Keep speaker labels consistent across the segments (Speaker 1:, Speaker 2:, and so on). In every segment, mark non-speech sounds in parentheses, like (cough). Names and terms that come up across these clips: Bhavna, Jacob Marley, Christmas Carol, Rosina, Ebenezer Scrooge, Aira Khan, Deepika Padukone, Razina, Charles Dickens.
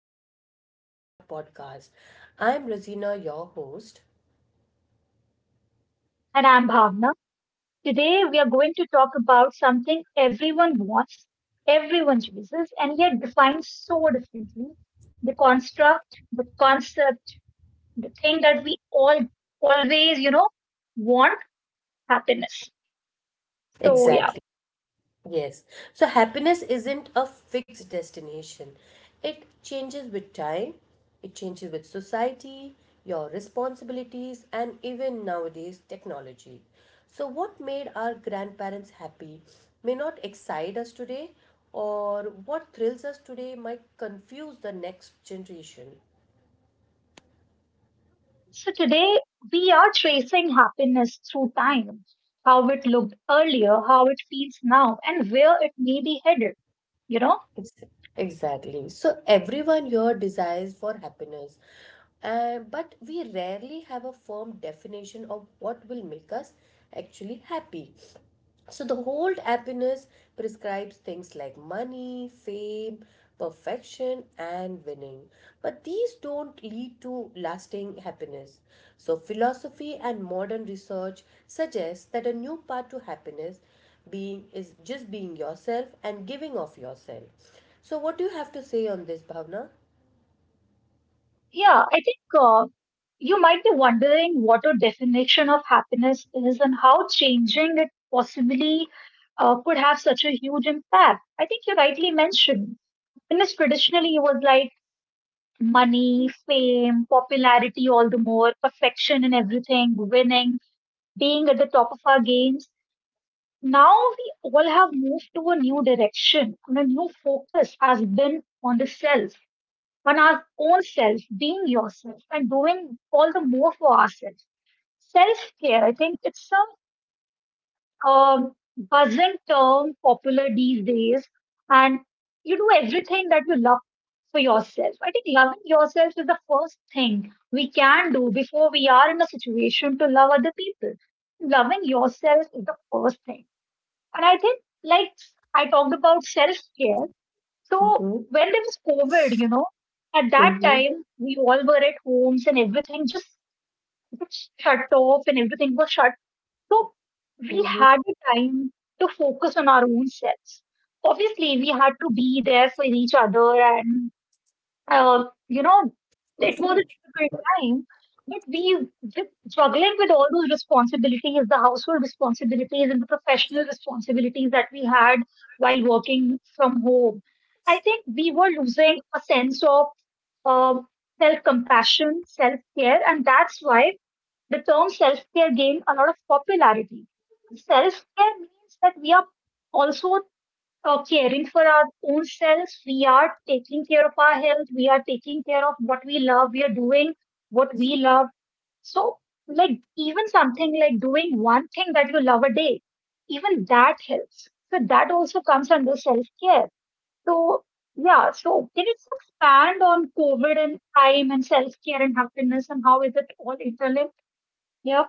Speaker 1: episode of our podcast. I am Rosina, your host.
Speaker 2: And I'm Bhavna. Today we are going to talk about something everyone wants, everyone chooses, and yet defines so differently. The construct, the concept, the thing that we all always, you know, want happiness. So,
Speaker 1: Exactly.
Speaker 2: yeah.
Speaker 1: Yes. So, happiness isn't a fixed destination, it changes with time, it changes with society, your responsibilities, and even nowadays, technology. So, what made our grandparents happy may not excite us today, or what thrills us today might confuse the next generation.
Speaker 2: So today we are tracing happiness through time, how it looked earlier, how it feels now, and where it may be headed, you know.
Speaker 1: Ex- Exactly. So everyone here desires for happiness, and but we rarely have a firm definition of what will make us actually happy. So the old happiness prescribes things like money, fame, perfection, and winning. But these don't lead to lasting happiness. So philosophy and modern research suggests that a new path to happiness being is just being yourself and giving of yourself. So what do you have to say on this, Bhavna?
Speaker 2: Yeah, I think you might be wondering what a definition of happiness is and how changing it possibly could have such a huge impact. I think you rightly mentioned. Happiness traditionally was like money, fame, popularity, all the more, perfection in everything, winning, being at the top of our games. Now we all have moved to a new direction and a new focus has been on the self on our own self, being yourself and doing all the more for ourselves. Self care, I think it's a buzzing term popular these days, and you do everything that you love for yourself. I think loving yourself is the first thing we can do before we are in a situation to love other people. Loving yourself is the first thing, and I think like I talked about self care. So
Speaker 1: Mm-hmm.
Speaker 2: when there was COVID, you know, at that
Speaker 1: Mm-hmm.
Speaker 2: time we all were at homes and everything just shut off and everything was shut. So we
Speaker 1: Mm-hmm.
Speaker 2: had the time to focus on our own selves. Obviously, we had to be there for each other you know, it was a difficult time, but we just juggling with all those responsibilities, the household responsibilities and the professional responsibilities that we had while working from home. I think we were losing a sense of um, self compassion, self care, and that's why the term self care gained a lot of popularity. Self care means that we are also caring for our own selves. We are taking care of our health. We are taking care of what we love. We are doing what we love. So, like, even something like doing one thing that you love a day, even that helps. So, that also comes under self care. So, yeah, so can you just expand on COVID and time and self care and happiness and how is it all interlinked? Yeah.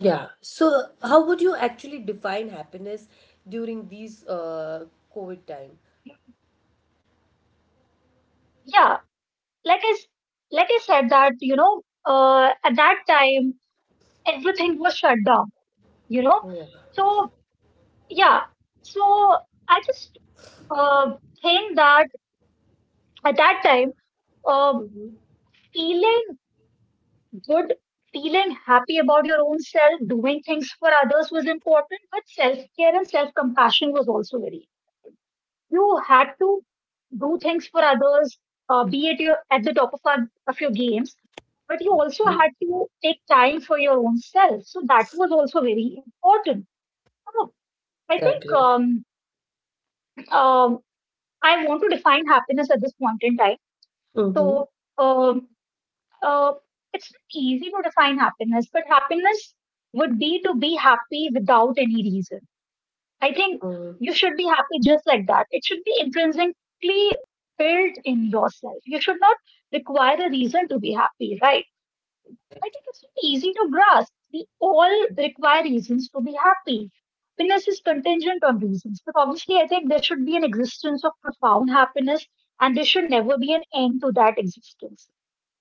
Speaker 1: Yeah. So how would you actually define happiness during these COVID time?
Speaker 2: Yeah. Like I, s- like I said, that, you know, at that time, everything was shut down, you know. So yeah so i just uh, think that at that time, uh,
Speaker 1: Mhm.
Speaker 2: feeling good, feeling happy about your own self doing things for others was important, but self care and self compassion was also very, you had to do things for others, be at your at the top of, our, of your games, but you also had to take time for your own self, so that was also very important. so i think
Speaker 1: Exactly.
Speaker 2: um, um, I want to define happiness at this point in time.
Speaker 1: Mm-hmm.
Speaker 2: So, um, uh, it's not easy to define happiness, but happiness would be to be happy without any reason. I think
Speaker 1: Mm.
Speaker 2: you should be happy just like that. It should be intrinsically built in yourself. You should not require a reason to be happy, right? I think it's easy to grasp. We all require reasons to be happy. Happiness is contingent on reasons. But obviously, I think there should be an existence of profound happiness and there should never be an end to that existence.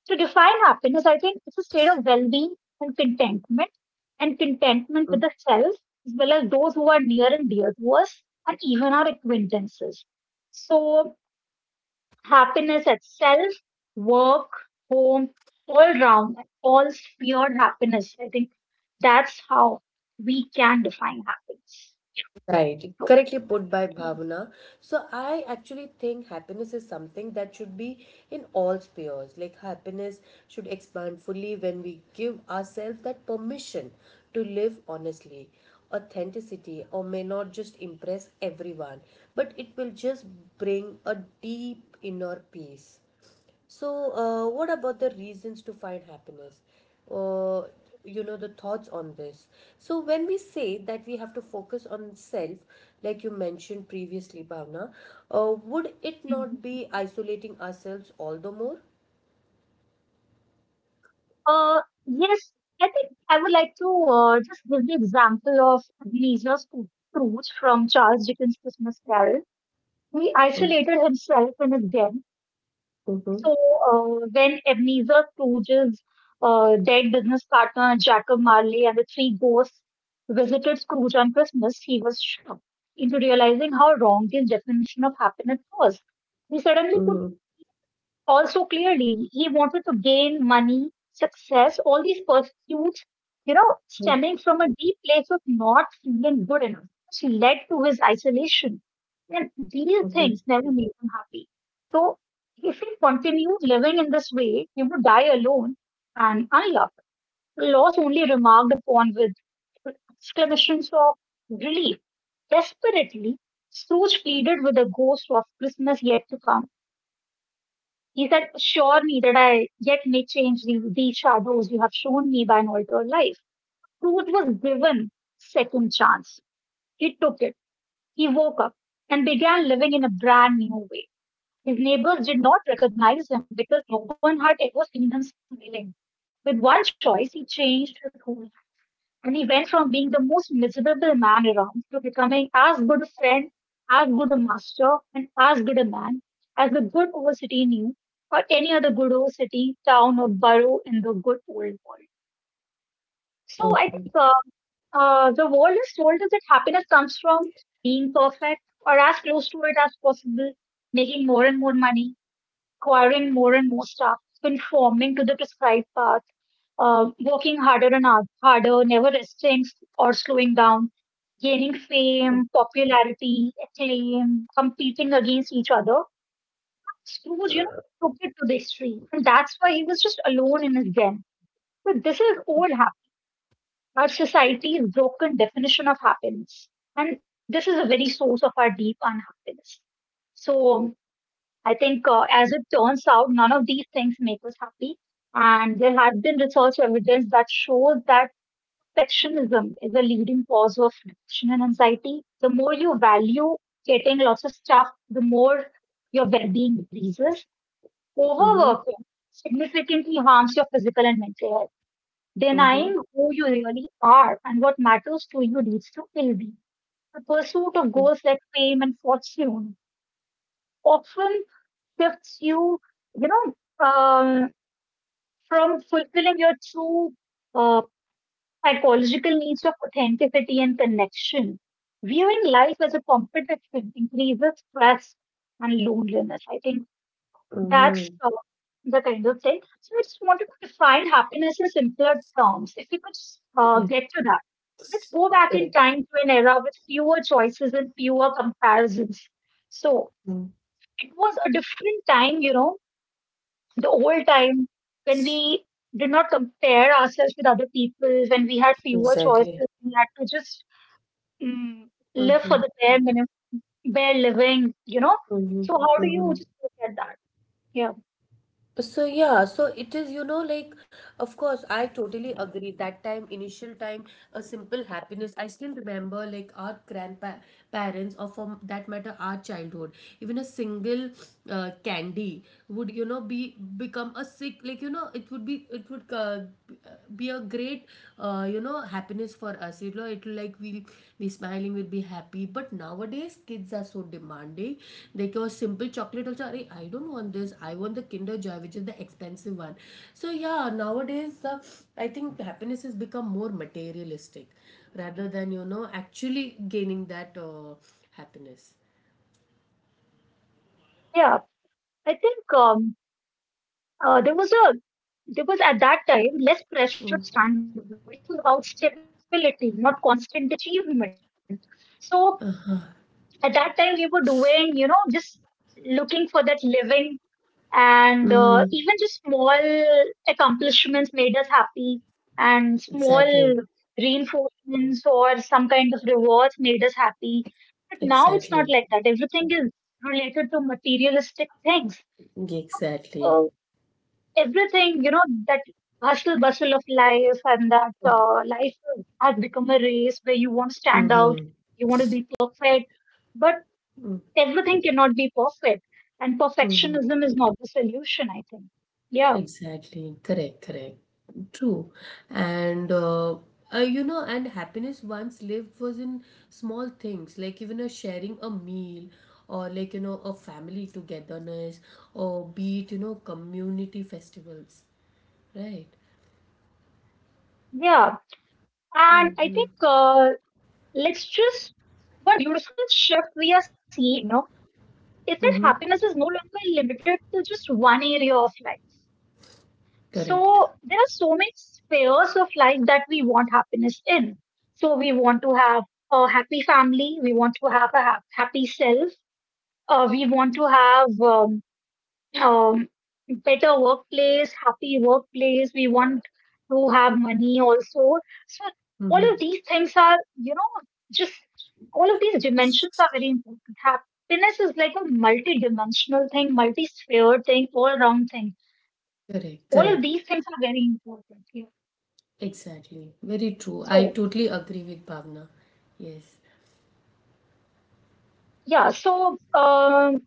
Speaker 2: To define happiness, I think it's a state of well being and contentment with
Speaker 1: Mm.
Speaker 2: the self, as well as those who are near and dear to us and even our acquaintances. So, happiness at self, work, home, all round, all sphered happiness. I think that's how we can define happiness.
Speaker 1: Right.
Speaker 2: So,
Speaker 1: Correctly put by Bhavna. So I actually think happiness is something that should be in all spheres. Like happiness should expand fully when we give ourselves that permission to live honestly. Authenticity or may not just impress everyone, but it will just bring a deep inner peace. So, what about the reasons to find happiness? Or, you know, the thoughts on this. So, when we say that we have to focus on self, like you mentioned previously, Bhavna, would it
Speaker 2: mm.
Speaker 1: not be isolating ourselves all the more?
Speaker 2: Yes, I think I would like to just give the example of Scrooge from Charles Dickens' Christmas Carol. He
Speaker 1: Mm-hmm.
Speaker 2: isolated himself in his den.
Speaker 1: Mm-hmm.
Speaker 2: So when Ebenezer Scrooge's dead business partner Jacob Marley and the three ghosts visited Scrooge on Christmas, he was shocked into realizing how wrong his definition of happiness was. He suddenly put
Speaker 1: Mm-hmm.
Speaker 2: also clearly he wanted to gain money, success, all these pursuits, you know, stemming from a deep place of not feeling good enough, which led to his isolation. And these
Speaker 1: Mm-hmm.
Speaker 2: things never made him happy. So if he continued living in this way, he would die alone and unloved. Loss only remarked upon with exclamations of relief. Desperately, Scrooge pleaded with the ghost of Christmas yet to come. He said, "Sure, neither did I, yet may change the, these shadows you have shown me by an altered life." Truth was given second chance. He took it. He woke up and began living in a brand new way. His neighbors did not recognize him because no one had ever seen him smiling. With one choice, he changed his whole, and he went from being the most miserable man around to becoming as good a friend, as good a master, and as good a man as the good old city knew, or any other good old city, town, or borough in the good old world. So I think the world has told us that happiness comes from being perfect or as close to it as possible, making more and more money, acquiring more and more stuff, conforming to the prescribed path, working harder and harder, never resting or slowing down, gaining fame, popularity, acclaim, competing against each other. Scrooge, you know, took it to the extreme. And that's why he was just alone in his den. So this is all happening. Our society's broken definition of happiness. And this is a very source of our deep unhappiness. So I think, as it turns out, none of these things make us happy. And there have been research evidence that shows that perfectionism is a leading cause of depression and anxiety. The more you value getting lots of stuff, the more your well being decreases. Overworking significantly harms your physical and mental health.
Speaker 1: Mm-hmm.
Speaker 2: Denying who you really are and what matters to you leads to ill being. The pursuit of goals like fame and fortune often shifts you, you know, um, from fulfilling your true uh, psychological needs of authenticity and connection. Viewing life as a competition increases stress and loneliness. I think that's
Speaker 1: Mm-hmm.
Speaker 2: the kind of thing. So I just wanted to define happiness in simpler terms. If we could get to that, let's
Speaker 1: Yes.
Speaker 2: go back in
Speaker 1: Correct.
Speaker 2: time to an era with fewer choices and fewer comparisons. So
Speaker 1: Mm.
Speaker 2: it was a different time, you know, the old time when we did not compare ourselves with other people, when we had fewer choices,
Speaker 1: Exactly.
Speaker 2: we had to just mm, live
Speaker 1: Mm-hmm.
Speaker 2: for the bare minimum, bare living.
Speaker 1: Mm-hmm.
Speaker 2: So how do
Speaker 1: Mm-hmm.
Speaker 2: you just look at that? Yeah,
Speaker 1: So yeah, so it is, you know, like of course I totally agree. That time, initial time, a simple happiness. I still remember like our grandpa parents, or for that matter our childhood. Even a single candy would, you know, be become a sick, like you know, it would be a great, you know, happiness for us, you know, it will like we'll be smiling, we'll be happy. But nowadays kids are so demanding, they go simple chocolate also, "Arey, I don't want this, I want the kinder joy, which is the expensive one." So yeah, nowadays I think happiness has become more materialistic rather than, you know, actually gaining that happiness.
Speaker 2: yeah. I think uh, there was a there was at that time less
Speaker 1: Mm.
Speaker 2: pressure standard. It was about stability, not constant achievement. So
Speaker 1: Uh-huh.
Speaker 2: at that time we were doing, you know, just looking for that living, and
Speaker 1: Mm.
Speaker 2: even just small accomplishments made us happy, and
Speaker 1: Exactly.
Speaker 2: small reinforcements or some kind of rewards made us happy, but now it's not
Speaker 1: Exactly.
Speaker 2: like that. Everything is related to materialistic things.
Speaker 1: Exactly.
Speaker 2: uh, Everything, you know, that hustle bustle of life, and that life has become a race where you want to stand out,
Speaker 1: Mm-hmm.
Speaker 2: you want to be perfect, but everything cannot be perfect, and
Speaker 1: Mm-hmm.
Speaker 2: perfectionism is not the solution, I think. Yeah.
Speaker 1: Exactly, correct, correct, true. And you know, and happiness once lived was in small things like even a sharing a meal or, like you know, a family togetherness or, be it you know, community festivals, right?
Speaker 2: Yeah. And I
Speaker 1: Mm-hmm.
Speaker 2: think, let's just, what beautiful shift we are seeing, you know, is
Speaker 1: Mm-hmm.
Speaker 2: that happiness is no longer limited to just one area of life. So
Speaker 1: Correct.
Speaker 2: there are so many spheres of life that we want happiness in. So we want to have a happy family, we want to have a happy self, we want to have um, better workplace, happy workplace. We want to have money also. So all of
Speaker 1: Mm-hmm.
Speaker 2: these things are, you know, just all of these dimensions are very important. Happiness is like a multi-dimensional thing, multi-sphere thing, all-round thing.
Speaker 1: Correct,
Speaker 2: All of
Speaker 1: correct,
Speaker 2: these things are very important. Yeah.
Speaker 1: exactly, very true. I
Speaker 2: So
Speaker 1: totally agree with Bhavna, yes.
Speaker 2: yeah, so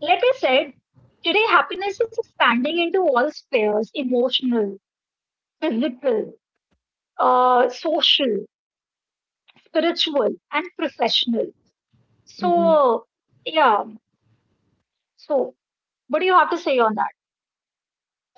Speaker 2: like I said, today happiness is expanding into all spheres: emotional, physical, social, spiritual, and professional.
Speaker 1: Mm-hmm.
Speaker 2: So, yeah. So, what do you have to say on that?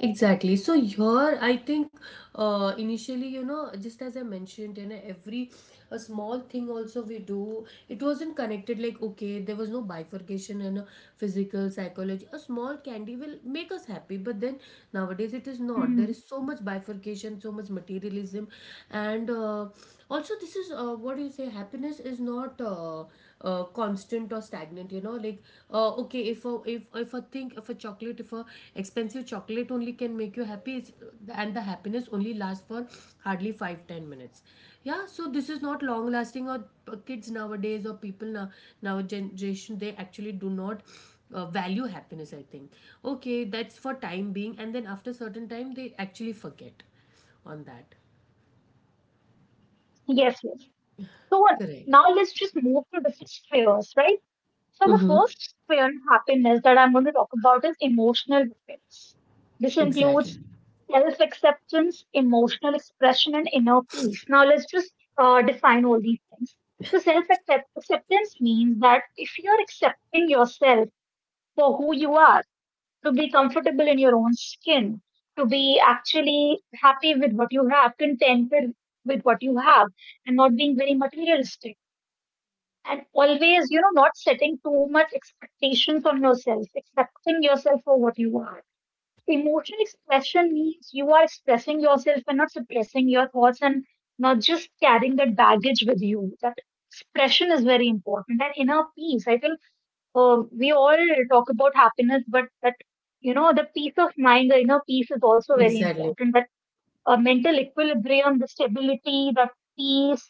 Speaker 1: Exactly. So here, I think initially, you know, just as I mentioned, you know, every a small thing also we do, it wasn't connected. Like okay, there was no bifurcation in a physical psychology. A small candy will make us happy, but then nowadays it is not.
Speaker 2: Hmm.
Speaker 1: There is so much bifurcation, so much materialism, and also this is what do you say? Happiness is not constant or stagnant, you know, like okay, if a, if a thing, if a chocolate, if a expensive chocolate only can make you happy, it's, and the happiness only lasts for hardly 5-10 minutes. Yeah, so this is not long lasting. Or kids nowadays, or people now, generation, they actually do not value happiness, I think. Okay, that's for time being, and then after certain time they actually forget on that.
Speaker 2: Yes, yes. So,
Speaker 1: Correct.
Speaker 2: now let's just move to different spheres, right? So, the
Speaker 1: Mm-hmm.
Speaker 2: first sphere of happiness that I'm going to talk about is emotional happiness. This includes
Speaker 1: Exactly.
Speaker 2: self acceptance, emotional expression, and inner peace. Now, let's just define all these things. So, self acceptance means that if you're accepting yourself for who you are, to be comfortable in your own skin, to be actually happy with what you have, contented with what you have, and not being very materialistic. And always, you know, not setting too much expectations on yourself, accepting yourself for what you are. Emotional expression means you are expressing yourself and not suppressing your thoughts and not just carrying that baggage with you. That expression is very important. And inner peace, I think we all talk about happiness, but that, you know, the peace of mind, the inner peace is also very
Speaker 1: Exactly.
Speaker 2: important. That mental equilibrium, the stability, the peace,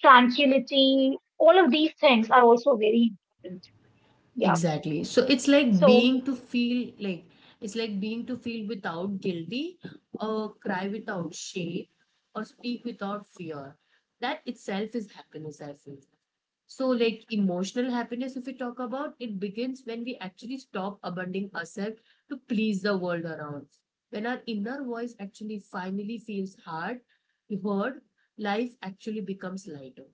Speaker 2: tranquility, all of these things are also very important. Yeah.
Speaker 1: Exactly. So it's like
Speaker 2: So
Speaker 1: being to feel like, it's like being to feel without guilty, or cry without shame, or speak without fear. That itself is happiness, I feel. So, like emotional happiness, if we talk about it, begins when we actually stop abandoning ourselves to please the world around us. When our inner voice actually finally feels hard, heard, life actually becomes lighter.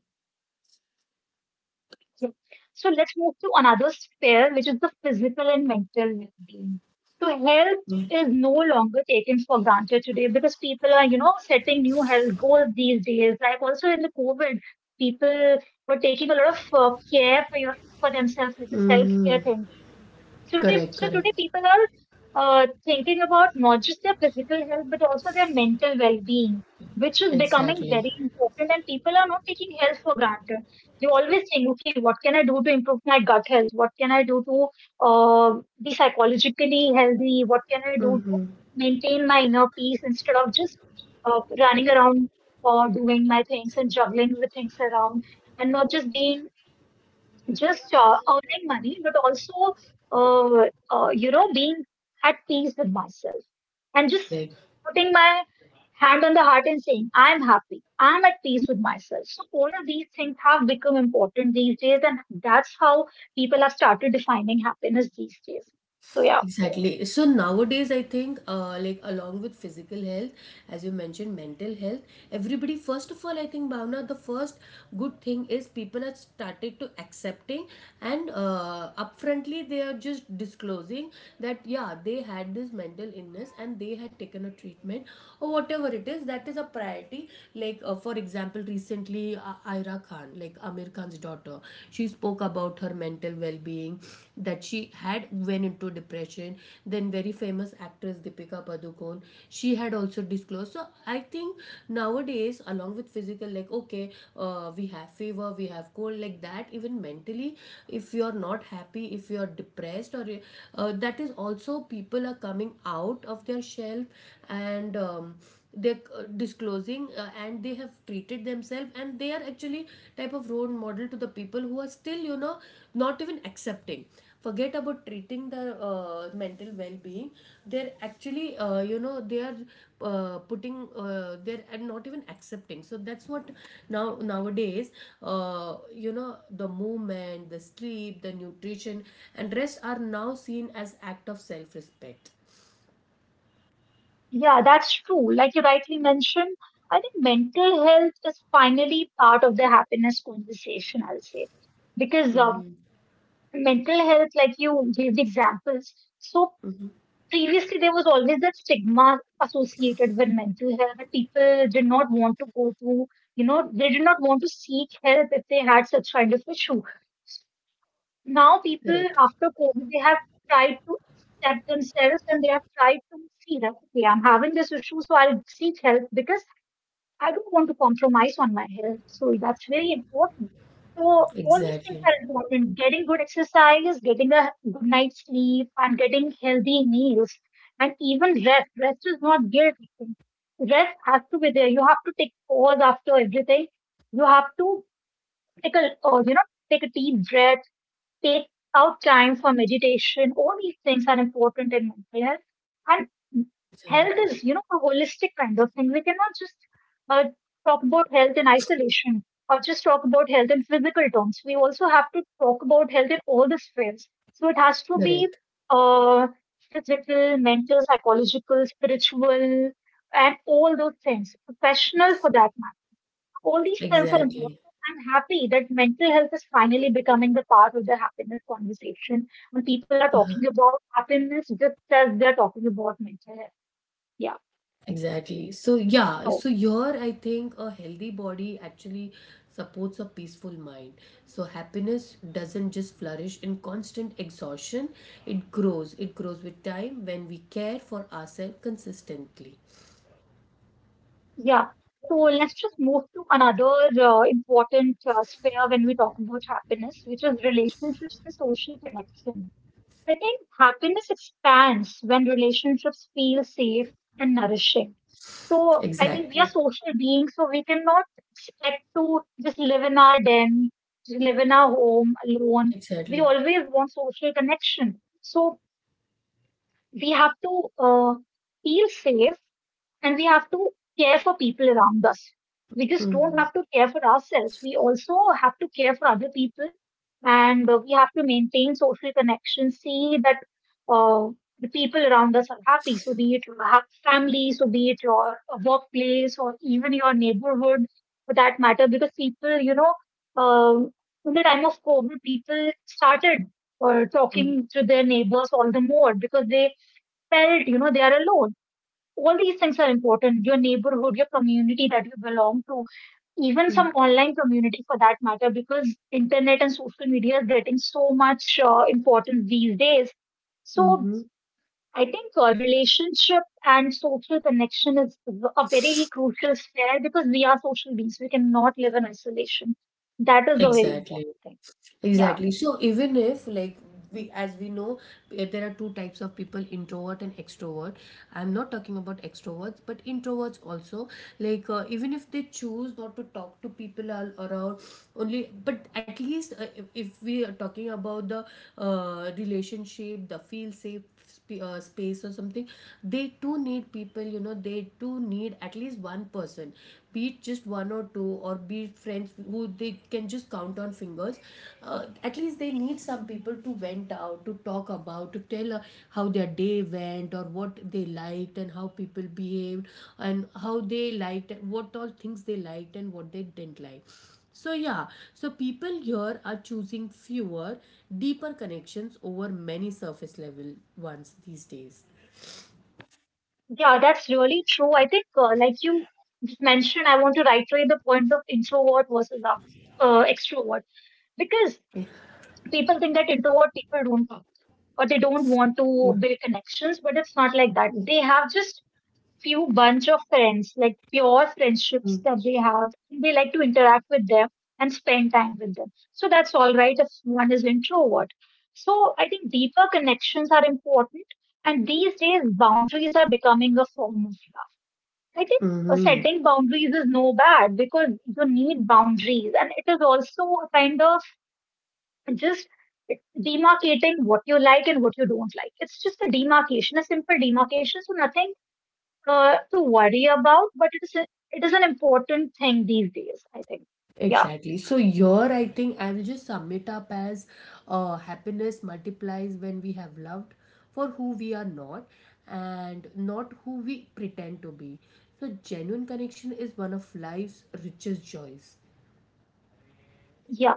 Speaker 2: Yeah. So let's move to another sphere, which is the physical and mental well-being. So health
Speaker 1: Yeah.
Speaker 2: is no longer taken for granted today because people are, you know, setting new health goals these days. Like also in the COVID, people were taking a lot of care for your for themselves, like the
Speaker 1: Mm-hmm.
Speaker 2: self-care thing. So today,
Speaker 1: Correct,
Speaker 2: so today
Speaker 1: correct.
Speaker 2: people are thinking about not just their physical health, but also their mental well-being, which is becoming
Speaker 1: Exactly.
Speaker 2: very important. And people are not taking health for granted. They always think, okay, what can I do to improve my gut health? What can I do to uh, be psychologically healthy? What can I do to
Speaker 1: Mm-hmm.
Speaker 2: maintain my inner peace instead of just running around or doing my things and juggling the things around and not just being just earning money, but also, uh, you know, being at peace with myself and just
Speaker 1: Right.
Speaker 2: putting my hand on the heart and saying, I'm happy, I'm at peace with myself. So, all of these things have become important these days, and that's how people have started defining happiness these days. So, yeah,
Speaker 1: Exactly. So nowadays, I think, like along with physical health, as you mentioned, mental health, everybody, first of all, I think, Bhavna, the first good thing is people are started to accepting and upfrontly they are just disclosing that, yeah, they had this mental illness and they had taken a treatment, or whatever it is. That is a priority. Like, for example, recently, Aira Khan, like Amir Khan's daughter, she spoke about her mental well-being, that she had went into depression. Then very famous actress Deepika Padukone, she had also disclosed. So I think nowadays, along with physical, like okay, we have fever, we have cold, like that even mentally, if you're not happy, if you're depressed or that is also, people are coming out of their shelf and they're disclosing, and they have treated themselves and they are actually type of role model to the people who are still, you know, not even accepting, forget about treating their mental well-being, they're actually, you know, they are putting they're and not even accepting. So that's what now nowadays, you know, the movement, the sleep, the nutrition and rest are now seen as act of self-respect.
Speaker 2: yeah, that's true. Like you rightly mentioned, I think mental health is finally part of the happiness conversation, I'll say because
Speaker 1: Mm-hmm.
Speaker 2: mental health, like you gave the examples. So
Speaker 1: Mm-hmm.
Speaker 2: previously there was always that stigma associated with mental health that people did not want to go to, you know, they did not want to seek help if they had such kind of issue. Now people
Speaker 1: Correct.
Speaker 2: after COVID they have tried to accept themselves and they have tried to see that okay, I'm having this issue, so I'll seek help because I don't want to compromise on my health. So that's very important. So all these things
Speaker 1: Exactly.
Speaker 2: are important. Getting good exercise, getting a good night's sleep, and getting healthy meals, and even rest. Rest is not guilt. Rest has to be there. You have to take pause after everything. You have to take a, you know, take a deep breath. Take out time for meditation. All these things are important in mental health. And
Speaker 1: Percent.
Speaker 2: health is, you know, a holistic kind of thing. We cannot just uh, talk about health in isolation or just talk about health in physical terms. We also have to talk about health in all the spheres. So it has to be
Speaker 1: Correct.
Speaker 2: uh, physical, mental, psychological, spiritual, and all those things. Professional for that all these things are important.
Speaker 1: Exactly.
Speaker 2: I'm happy that mental health is finally becoming the part of the happiness conversation when people are talking about happiness just as they're talking about mental health. Yeah.
Speaker 1: Exactly. So yeah,
Speaker 2: So,
Speaker 1: so here I think a healthy body actually supports a peaceful mind. So happiness doesn't just flourish in constant exhaustion, it grows. It grows with time when we care for ourselves consistently.
Speaker 2: yeah. So let's just move to another important sphere when we talk about happiness, which is relationships and social connection. I think happiness expands when relationships feel safe and nourishing. So I think we are
Speaker 1: Exactly.
Speaker 2: social beings, so we cannot expect to just live in our den, just live in our home alone. We
Speaker 1: Exactly.
Speaker 2: always want social connection. So we have to feel safe and we have to care for people around us. We just don't
Speaker 1: Mm-hmm.
Speaker 2: have to care for ourselves. We also have to care for other people and we have to maintain social connections, see that uh, the people around us are happy. So, be it your family, so be it your workplace or even your neighborhood for that matter, because people, you know, um in the time of COVID, people started
Speaker 1: Mm-hmm.
Speaker 2: talking to their neighbors all the more because they felt, you know, they are alone. All these things are important: your neighborhood, your community that you belong to, even some online community for that matter, because internet and social media is getting so much importance these days. So
Speaker 1: Mm-hmm.
Speaker 2: I think relationship and social connection is a very crucial sphere because we are social beings, we cannot live in isolation. That is a very important
Speaker 1: Exactly.
Speaker 2: thing. Yeah.
Speaker 1: Exactly. So even if like, we as we know, there are two types of people, introvert and extrovert. I'm not talking about extroverts, but introverts also, like even if they choose not to talk to people all around only, but at least if we are talking about the relationship, the feel safe space or something, they too need people, you know, they too need at least one person, be it just one or two, or be it friends who they can just count on fingers, at least they need some people to vent out, to talk about, to tell how their day went or what they liked and how people behaved and how they liked, what all things they liked and what they didn't like. So, yeah, so people here are choosing fewer, deeper connections over many surface level ones these days.
Speaker 2: Yeah, that's really true. I think like you just mentioned, I want to reiterate the point of introvert versus extrovert, because people think that introvert people don't talk or they don't want to build connections, but it's not like that. They have just few bunch of friends, like pure friendships that they have. They like to interact with them and spend time with them. So that's all right if one is introvert. So I think deeper connections are important. And these days, boundaries are becoming a form of love. I think
Speaker 1: Hmm.
Speaker 2: setting boundaries is no bad because you need boundaries, and it is also a kind of just demarcating what you like and what you don't like. It's just a demarcation, a simple demarcation, so nothing to worry about. But it is a, it is an important thing these days, I think. Yeah,
Speaker 1: Exactly. So, here I think I will just sum it up as happiness multiplies when we have loved for who we are not, and not who we pretend to be. So, genuine connection is one of life's richest joys.
Speaker 2: yeah.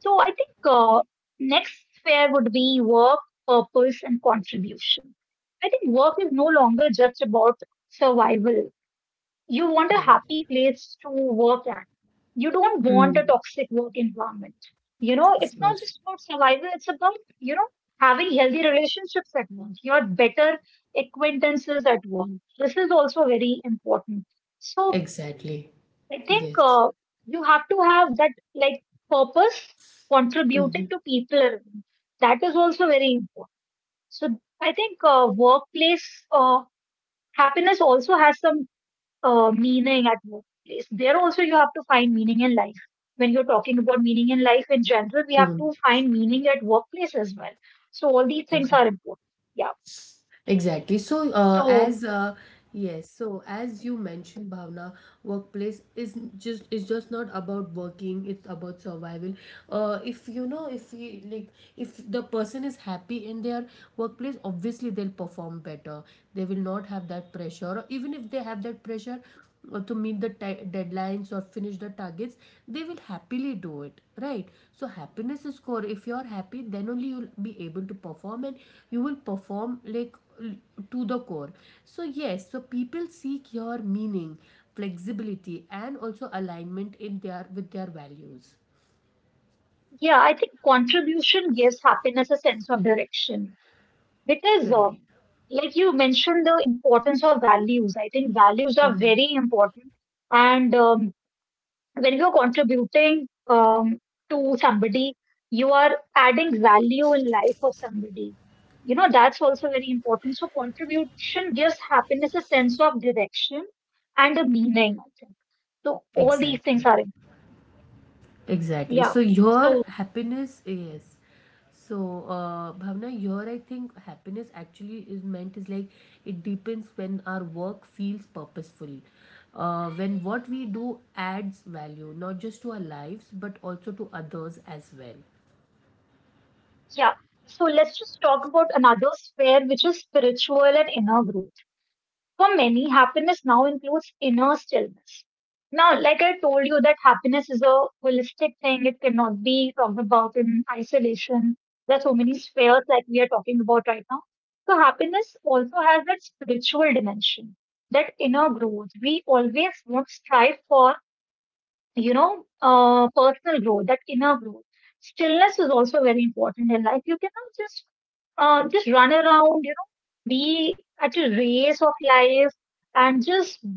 Speaker 2: So I think uh, next sphere would be work, purpose, and contribution. I think work is no longer just about survival. You want a
Speaker 1: Right.
Speaker 2: happy place to work at. You don't want a
Speaker 1: Mm.
Speaker 2: toxic work environment. You know,
Speaker 1: Of
Speaker 2: it's not
Speaker 1: course.
Speaker 2: just about survival, it's about, you know, having healthy relationships at work, your better acquaintances at work. This is also very important. So
Speaker 1: Exactly.
Speaker 2: I think
Speaker 1: Yes.
Speaker 2: you have to have that like purpose
Speaker 1: Mm-hmm.
Speaker 2: contributing to people around you. That is also very important. So I think workplace happiness also has some meaning at workplace. There also you have to find meaning in life. When you're talking about meaning in life in general, we have
Speaker 1: Mm-hmm.
Speaker 2: to find meaning at workplace as well. So all these things
Speaker 1: Exa-
Speaker 2: are important. Yeah.
Speaker 1: Exactly. So, uh,
Speaker 2: So
Speaker 1: as uh, yes, so as you mentioned, Bhavna, workplace is just is just not about working. It's about survival. If you know, if you like, if the person is happy in their workplace, obviously they'll perform better. They will not have that pressure. Or even if they have that pressure, or to meet the ti deadlines or finish the targets, they will happily do it, right? So happiness is core. If you are happy, then only you'll be able to perform, and you will perform like l- to the core. So yes, so people seek your meaning, flexibility, and also alignment in their with their values.
Speaker 2: yeah, I think contribution gives happiness a sense of direction because,
Speaker 1: Correct.
Speaker 2: like you mentioned, the importance of values. I think values are
Speaker 1: Mhm.
Speaker 2: very important, and when you're contributing to somebody, you are adding value in life of somebody. You know, that's also very important. So contribution gives happiness a sense of direction and a meaning, I think. So all these
Speaker 1: Exactly.
Speaker 2: things are in.
Speaker 1: Exactly.
Speaker 2: Yeah.
Speaker 1: So your
Speaker 2: So
Speaker 1: happiness, yes. So Bhavna, your, I think happiness actually is meant is like, it deepens when our work feels purposeful, when what we do adds value not just to our lives but also to others as well.
Speaker 2: yeah. So let's just talk about another sphere, which is spiritual and inner growth. For many, happiness now includes inner stillness. Now, like I told you, that happiness is a holistic thing. It cannot be talked about in isolation. There are so many spheres like we are talking about right now. So, happiness also has that spiritual dimension, that inner growth. We always want to strive for, you know, personal growth, that inner growth. Stillness is also very important in life. You cannot just just run around, be at a race of life and just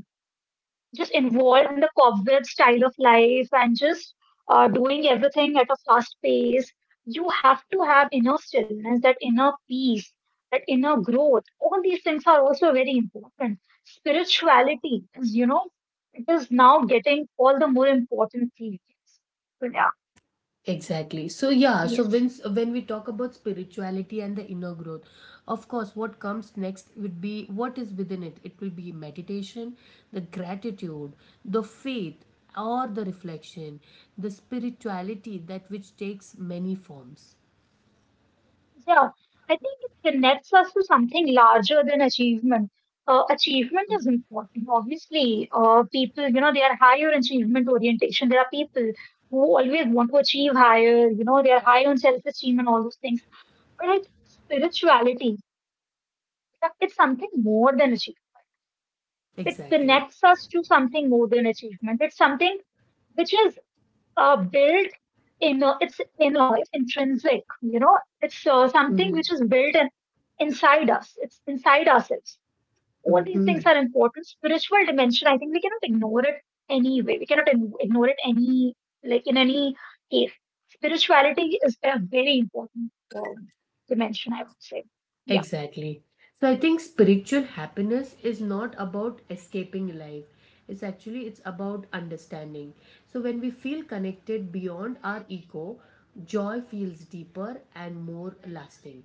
Speaker 2: just involved in the cobweb style of life and just doing everything at a fast pace. You have to have inner stillness, that inner peace, that inner growth. All these things are also very important. Spirituality is, you know, it is now getting all the more important things. So yeah,
Speaker 1: Exactly. So yeah, so
Speaker 2: yes.
Speaker 1: when we talk about spirituality and the inner growth, of course, what comes next would be what is within it. It will be meditation, the gratitude, the faith, or the reflection, the spirituality that which takes many forms.
Speaker 2: Yeah, I think it connects us to something larger than achievement. Achievement is important, obviously. People, you know, they are higher achievement orientation. There are people who always want to achieve higher, you know, they are high on self esteem and all those things. But I think spirituality, it's something more than achievement. It
Speaker 1: Exactly.
Speaker 2: connects us to something more than achievement. It's something which is built inner, it's intrinsic, you know, it's something which is built in, inside us, it's inside ourselves. All these things
Speaker 1: Mm-hmm.
Speaker 2: are important. Spiritual dimension, I think we cannot ignore it anyway. We cannot ignore it any, like in any case. Spirituality is a very important dimension, I would say. Yeah,
Speaker 1: Exactly. So I think spiritual happiness is not about escaping life. It's actually, it's about understanding. So when we feel connected beyond our ego, joy feels deeper and more lasting.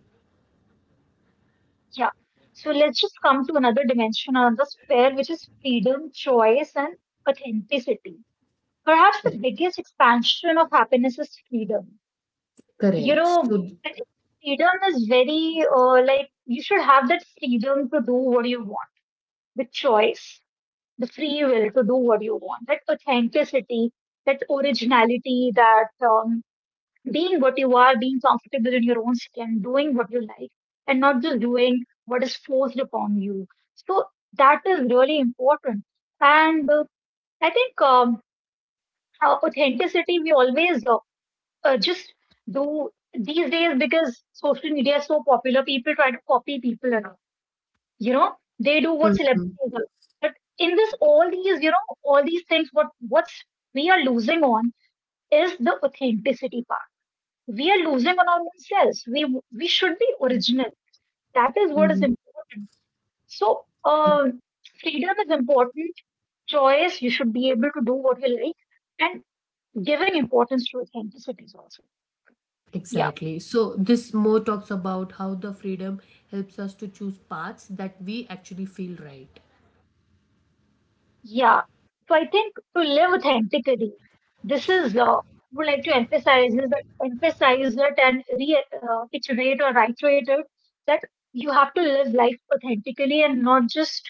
Speaker 2: yeah. So let's just come to another dimension, another sphere, which is freedom, choice, and authenticity. Perhaps the
Speaker 1: Correct.
Speaker 2: biggest expansion of happiness is freedom. You
Speaker 1: Correct. So
Speaker 2: know, freedom is very like you should have that freedom to do what you want, the choice, the free will to do what you want, that authenticity, that originality, that being what you are, being comfortable in your own skin, doing what you like, and not just doing what is forced upon you. So that is really important, and I think authenticity we always just do these days because social media is so popular, people try to copy people and all. You know, they do what
Speaker 1: Mhm.
Speaker 2: celebrities do. But in this, all these, you know, all these things, what what's we are losing on is the authenticity part. We are losing on our own selves. We should be original. That is what is
Speaker 1: Mhm.
Speaker 2: important. So freedom is important. Choice, you should be able to do what you like, and giving importance to authenticity is also. Yeah.
Speaker 1: Exactly. So this more talks about how the freedom helps us to choose paths that we actually feel right.
Speaker 2: Yeah. So I think to live authentically, this is would like to emphasize is that emphasize it and re iterate or reiterate it that you have to live life authentically and not just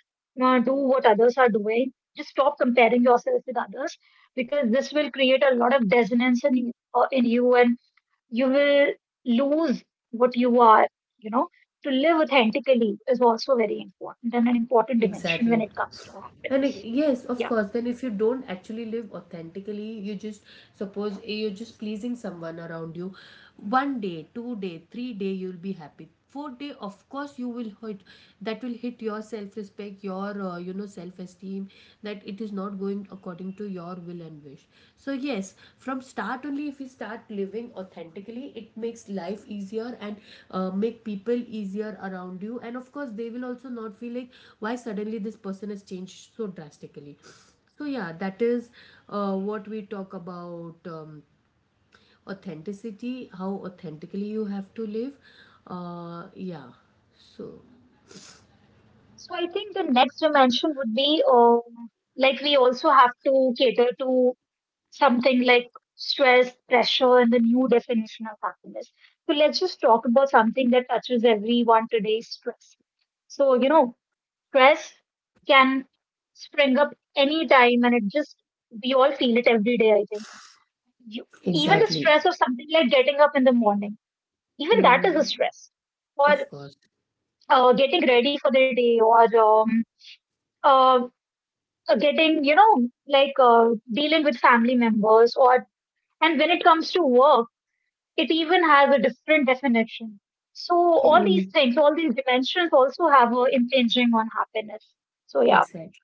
Speaker 2: do what others are doing. Just stop comparing yourself with others because this will create a lot of dissonance in you, and you will lose what you are, you know. To live authentically is also very important and an important dimension
Speaker 1: Exactly.
Speaker 2: when it comes to
Speaker 1: And it,
Speaker 2: happiness.
Speaker 1: yes, of
Speaker 2: Yeah.
Speaker 1: course. Then if you don't actually live authentically, you just suppose, you're just pleasing someone around you. One day, two day, three-day, you'll be happy. Fourth day, of course, you will hit. That will hit your self respect, your you know self esteem. That it is not going according to your will and wish. So, yes, from start only, if we start living authentically, it makes life easier and make people easier around you. And of course, they will also not feel like why suddenly this person has changed so drastically. So, yeah, that is what we talk about, authenticity, how authentically you have to live. Yeah, so
Speaker 2: So I think the next dimension would be like we also have to cater to something like stress, pressure, and the new definition of happiness. So let's just talk about something that touches everyone today, stress. So, you know, stress can spring up anytime and we all feel it every day, I think you, even the
Speaker 1: exactly.
Speaker 2: stress of something like getting up in the morning, even that is a
Speaker 1: Mm,
Speaker 2: stress.
Speaker 1: of
Speaker 2: Or
Speaker 1: course.
Speaker 2: getting ready for the day, or um, getting, you know, like dealing with family members, or and when it comes to work, it even has a different definition. So all these
Speaker 1: Mm.
Speaker 2: things, all these dimensions also have a impinging on happiness. So yeah,
Speaker 1: Exactly.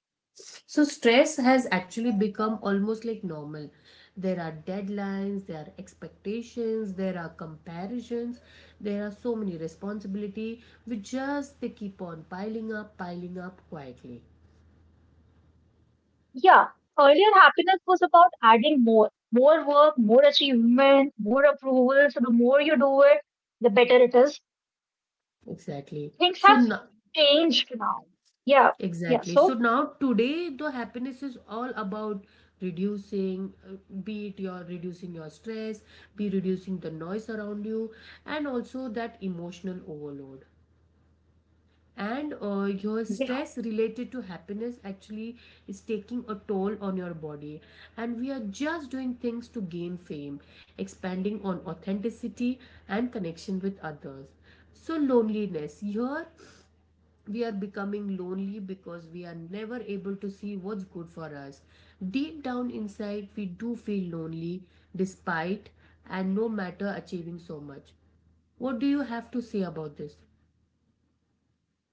Speaker 1: So stress has actually become almost like normal. There are deadlines, there are expectations, there are comparisons, there are so many responsibility which just they keep on piling up quietly.
Speaker 2: yeah. Earlier, happiness was about adding more, more work, more achievement, more approvals. The more you do it, the better it is.
Speaker 1: Exactly.
Speaker 2: Things
Speaker 1: So
Speaker 2: have
Speaker 1: now,
Speaker 2: changed now. Yeah, yeah.
Speaker 1: exactly. So
Speaker 2: So
Speaker 1: now today the happiness is all about reducing, be it your reducing your stress, be reducing the noise around you, and also that emotional overload. And your
Speaker 2: you
Speaker 1: stress related to happiness actually is taking a toll on your body, and we are just doing things to gain fame, expanding on authenticity and connection with others. So loneliness here, we are becoming lonely because we are never able to see what's good for us. Deep down inside we do feel lonely, despite and no matter achieving so much. What do you have to say about this?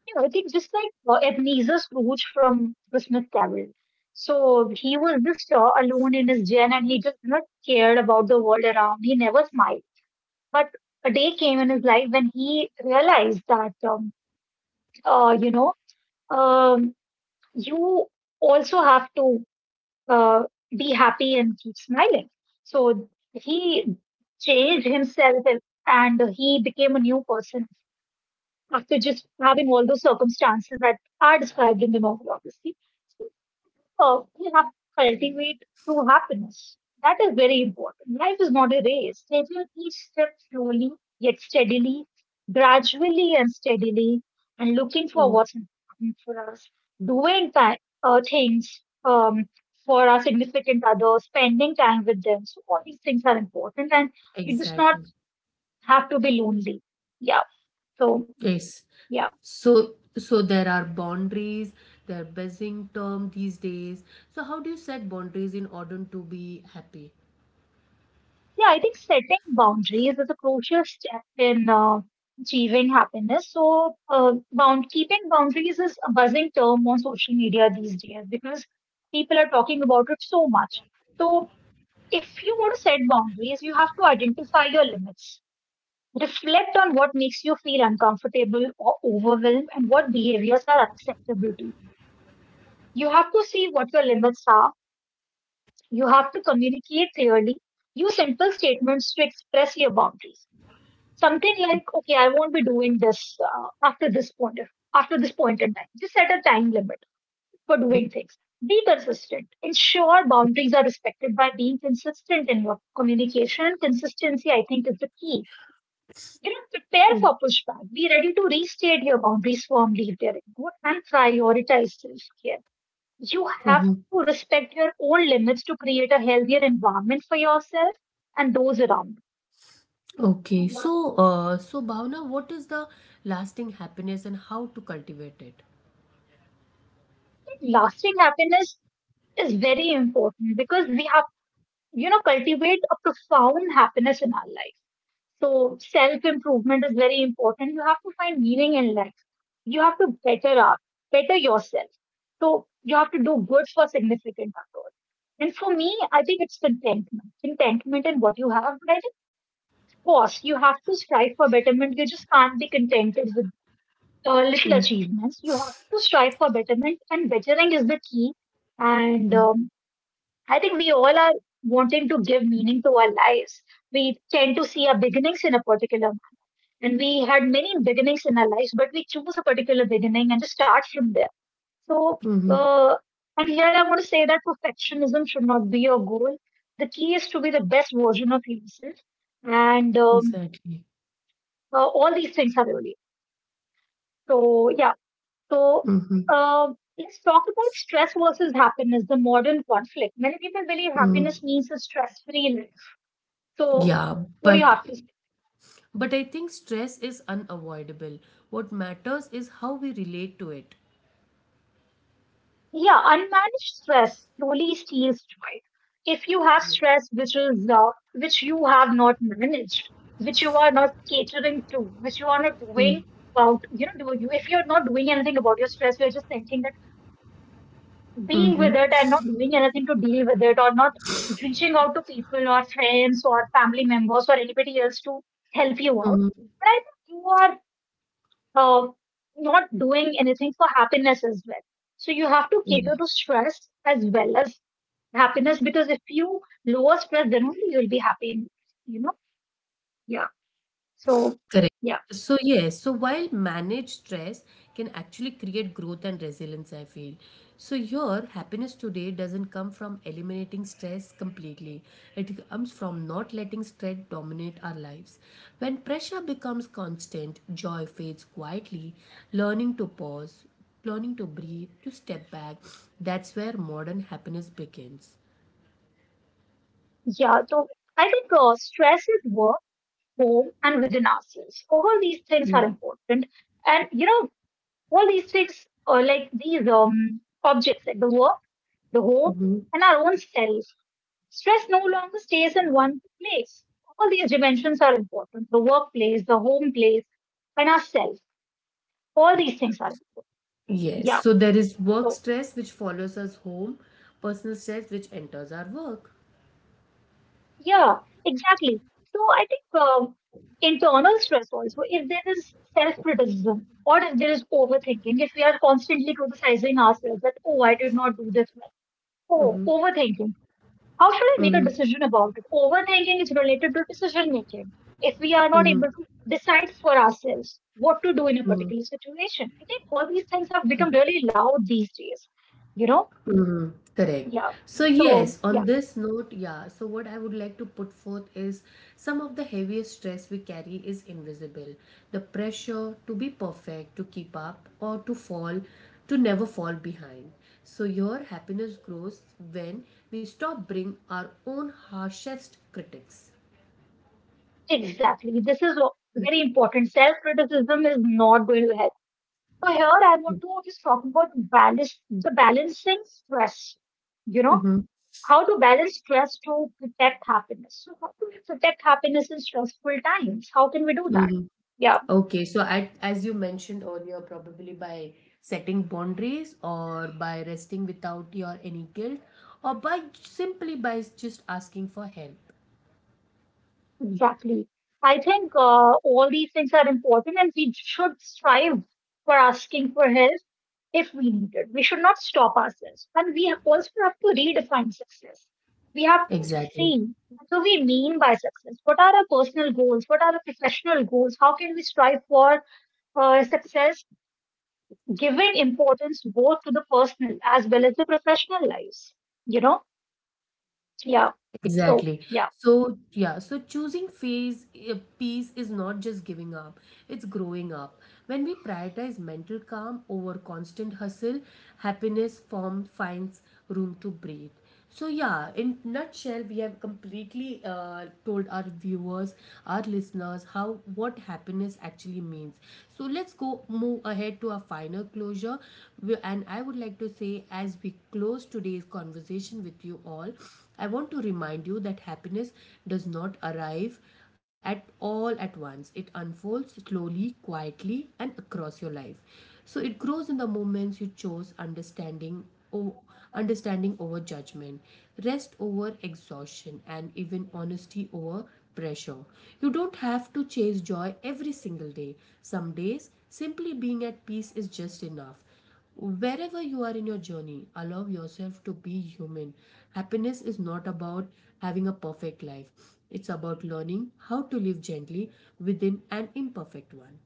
Speaker 2: know, I think just like Ebenezer Scrooge from Christmas Carol. So he was just alone in his den and he just not cared about the world around. He never smiled. But a day came in his life when he realized that um, you know, um, you also have to uh, be happy and keep smiling. So he changed himself and he became a new person after just having all those circumstances that are described in the novel, obviously. So, we have to cultivate true happiness. That is very important. Life is not a race. Taking each step slowly, yet steadily, gradually and steadily, and looking for
Speaker 1: Mm,
Speaker 2: what's important for us. Doing things for our significant others, spending time with them. So, all these things are important, and you just not
Speaker 1: exactly.
Speaker 2: have to be lonely. Yeah. So,
Speaker 1: Yes.
Speaker 2: yeah.
Speaker 1: So there are boundaries, there are buzzing term these days. So how do you set boundaries in order to be happy?
Speaker 2: Yeah, I think setting boundaries is a crucial step in achieving happiness. So, bound keeping boundaries is a buzzing term on social media these days because people are talking about it so much. So, if you want to set boundaries, you have to identify your limits. Reflect on what makes you feel uncomfortable or overwhelmed and what behaviors are acceptable to you. You have to see what your limits are. You have to communicate clearly. Use simple statements to express your boundaries. Something like, okay, I won't be doing this after this point in time. Just set a time limit for doing things. Be consistent. Ensure boundaries are respected by being consistent in your communication. Consistency, I think, is the key. You know, prepare for pushback. Be ready to restate your boundaries firmly if they're good and prioritize self-care. You have
Speaker 1: Mhm.
Speaker 2: to respect your own limits to create a healthier environment for yourself and those around
Speaker 1: Okay.
Speaker 2: you.
Speaker 1: So so Bhavna, what is the lasting happiness and how to cultivate it?
Speaker 2: Lasting happiness is very important because we have, you know, cultivate a profound happiness in our life. So self improvement is very important. You have to find meaning in life. You have to better up, better yourself. So you have to do good for significant others. And for me, I think it's contentment. Contentment in what you have. But I think, of course, you have to strive for betterment. You just can't be contented with little achievements. You have to strive for betterment, and bettering is the key. And I think we all are wanting to give meaning to our lives. We tend to see our beginnings in a particular manner. And we had many beginnings in our lives, but we choose a particular beginning and just start from there. So,
Speaker 1: Mm-hmm.
Speaker 2: uh, and here I want to say that perfectionism should not be your goal. The key is to be the best version of yourself. And
Speaker 1: Exactly.
Speaker 2: all these things are really. So, yeah. So,
Speaker 1: Mm-hmm.
Speaker 2: uh, let's talk about stress versus happiness, the modern conflict. Many people believe
Speaker 1: Mm.
Speaker 2: happiness means a stress free life. So,
Speaker 1: Yeah,
Speaker 2: what do you have to say?
Speaker 1: but I think stress is unavoidable. What matters is how we relate to it.
Speaker 2: Yeah, unmanaged stress slowly steals joy. If you have
Speaker 1: Yeah.
Speaker 2: stress which is which you have not managed, which you are not catering to, which you are not doing about, you know, do you if you're not doing anything about your stress, you're just thinking that being
Speaker 1: Mm-hmm.
Speaker 2: with it and not doing anything to deal with it, or not reaching out to people or friends or family members or anybody else to help you out,
Speaker 1: Mm-hmm.
Speaker 2: then you are um, not doing anything for happiness as well. So you have to cater to stress as well as happiness because if you lower stress, then only you'll be happy. You know? Yeah. So
Speaker 1: Correct.
Speaker 2: yeah,
Speaker 1: So, yes, so while managed stress can actually create growth and resilience, I feel. So your happiness today doesn't come from eliminating stress completely, it comes from not letting stress dominate our lives. When pressure becomes constant, joy fades quietly, learning to pause, learning to breathe, to step back, that's where modern happiness begins.
Speaker 2: yeah. So I think stress at work, home, and within ourselves. All these things are important, and you know, all these things are like these objects, like the work, the home,
Speaker 1: Mm-hmm.
Speaker 2: and our own self. Stress no longer stays in one place. All these dimensions are important, the workplace, the home place, and ourselves. All these things are important.
Speaker 1: Yes,
Speaker 2: Yeah.
Speaker 1: so there is work
Speaker 2: So,
Speaker 1: stress which follows us home, personal stress which enters our work.
Speaker 2: yeah, exactly. So, I think internal stress also, if there is self criticism or if there is overthinking, if we are constantly criticizing ourselves that, oh, I did not do this well,
Speaker 1: Mm-hmm.
Speaker 2: oh, overthinking. How should I make a
Speaker 1: Mm-hmm.
Speaker 2: decision about it? Overthinking is related to decision making. If we are not
Speaker 1: Mm-hmm.
Speaker 2: able to decide for ourselves what to do in a
Speaker 1: Mm-hmm.
Speaker 2: particular situation, I think all these things have become really loud these days. You know?
Speaker 1: Mm, correct.
Speaker 2: Yeah.
Speaker 1: So
Speaker 2: So,
Speaker 1: yes,
Speaker 2: yeah,
Speaker 1: on this note, yeah. So what I would like to put forth is some of the heaviest stress we carry is invisible. The pressure to be perfect, to keep up, or to fall, to never fall behind. So your happiness grows when we stop being our own harshest critics.
Speaker 2: exactly. This is a very important. Self criticism is not going to help. So, here I want to just talk about balance, the balancing stress. You know? How to balance stress to protect happiness. So, how do we protect happiness in stressful times? How can we do that?
Speaker 1: Mhm.
Speaker 2: Yeah,
Speaker 1: Okay, so at, as you mentioned earlier, probably by setting boundaries or by resting without your any guilt or by simply by just asking for help.
Speaker 2: exactly. I think all these things are important and we should strive for asking for help if we need it. We should not stop ourselves. And also have to redefine success. We have to just
Speaker 1: Exactly.
Speaker 2: see, what do we mean by success? What are our personal goals? What are our professional goals? How can we strive for success, giving importance both to the personal as well as the professional lives, you know. Yeah. So
Speaker 1: Exactly.
Speaker 2: yeah,
Speaker 1: So, yeah, so choosing phase peace is not just giving up, it's growing up. When we prioritize mental calm over constant hustle, happiness form finds room to breathe. So, yeah, in nutshell, we have completely told our viewers, our listeners, how what happiness actually means. So let's go move ahead to a final closure. And I would like to say, as we close today's conversation with you all, I want to remind you that happiness does not arrive at all at once. It unfolds slowly, quietly, and across your life. So it grows in the moments you chose understanding o- understanding over judgment, rest over exhaustion, and even honesty over pressure. You don't have to chase joy every single day. Some days, simply being at peace is just enough. Wherever you are in your journey, allow yourself to be human. Happiness is not about having a perfect life, it's about learning how to live gently within an imperfect one.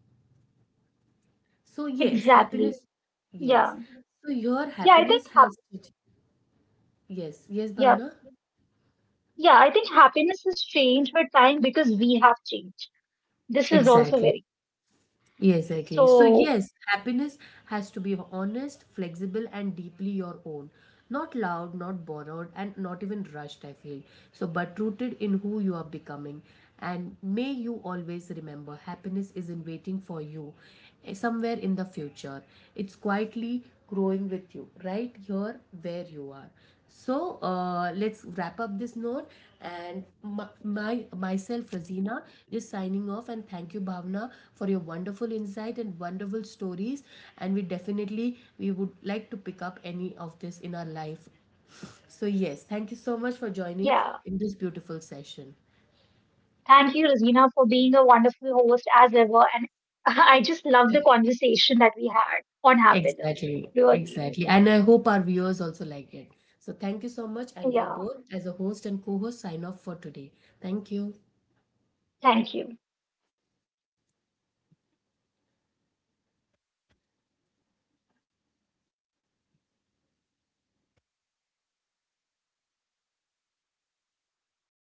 Speaker 1: So, yes,
Speaker 2: exactly.
Speaker 1: happiness. Yes.
Speaker 2: Yeah,
Speaker 1: So, your
Speaker 2: yeah i think
Speaker 1: happiness
Speaker 2: hap-
Speaker 1: has. Yes, yes,
Speaker 2: yeah,
Speaker 1: Bhavna?
Speaker 2: yeah I think happiness has changed with time because we have changed. This is also
Speaker 1: Exactly.
Speaker 2: very.
Speaker 1: Yeah, exactly. So,
Speaker 2: So
Speaker 1: yes, happiness has to be honest, flexible, and deeply your own. Not loud, not borrowed, and not even rushed, I feel. So, but rooted in who you are becoming. And may you always remember happiness isn't waiting for you, somewhere in the future. It's quietly growing with you right here where you are. So let's wrap up this note and my myself Razina is signing off, and thank you Bhavna for your wonderful insight and wonderful stories, and we definitely we would like to pick up any of this in our life. So yes, thank you so much for joining
Speaker 2: yeah,
Speaker 1: in this beautiful session.
Speaker 2: thank you Rosina, for being a wonderful host as ever, and (laughs) I just love the conversation that we had on happiness.
Speaker 1: Exactly,
Speaker 2: Really.
Speaker 1: exactly. And I hope our viewers also like it. So thank you so much. And we
Speaker 2: Yeah,
Speaker 1: both, as a host and co-host, sign off for today. Thank you.
Speaker 2: thank you.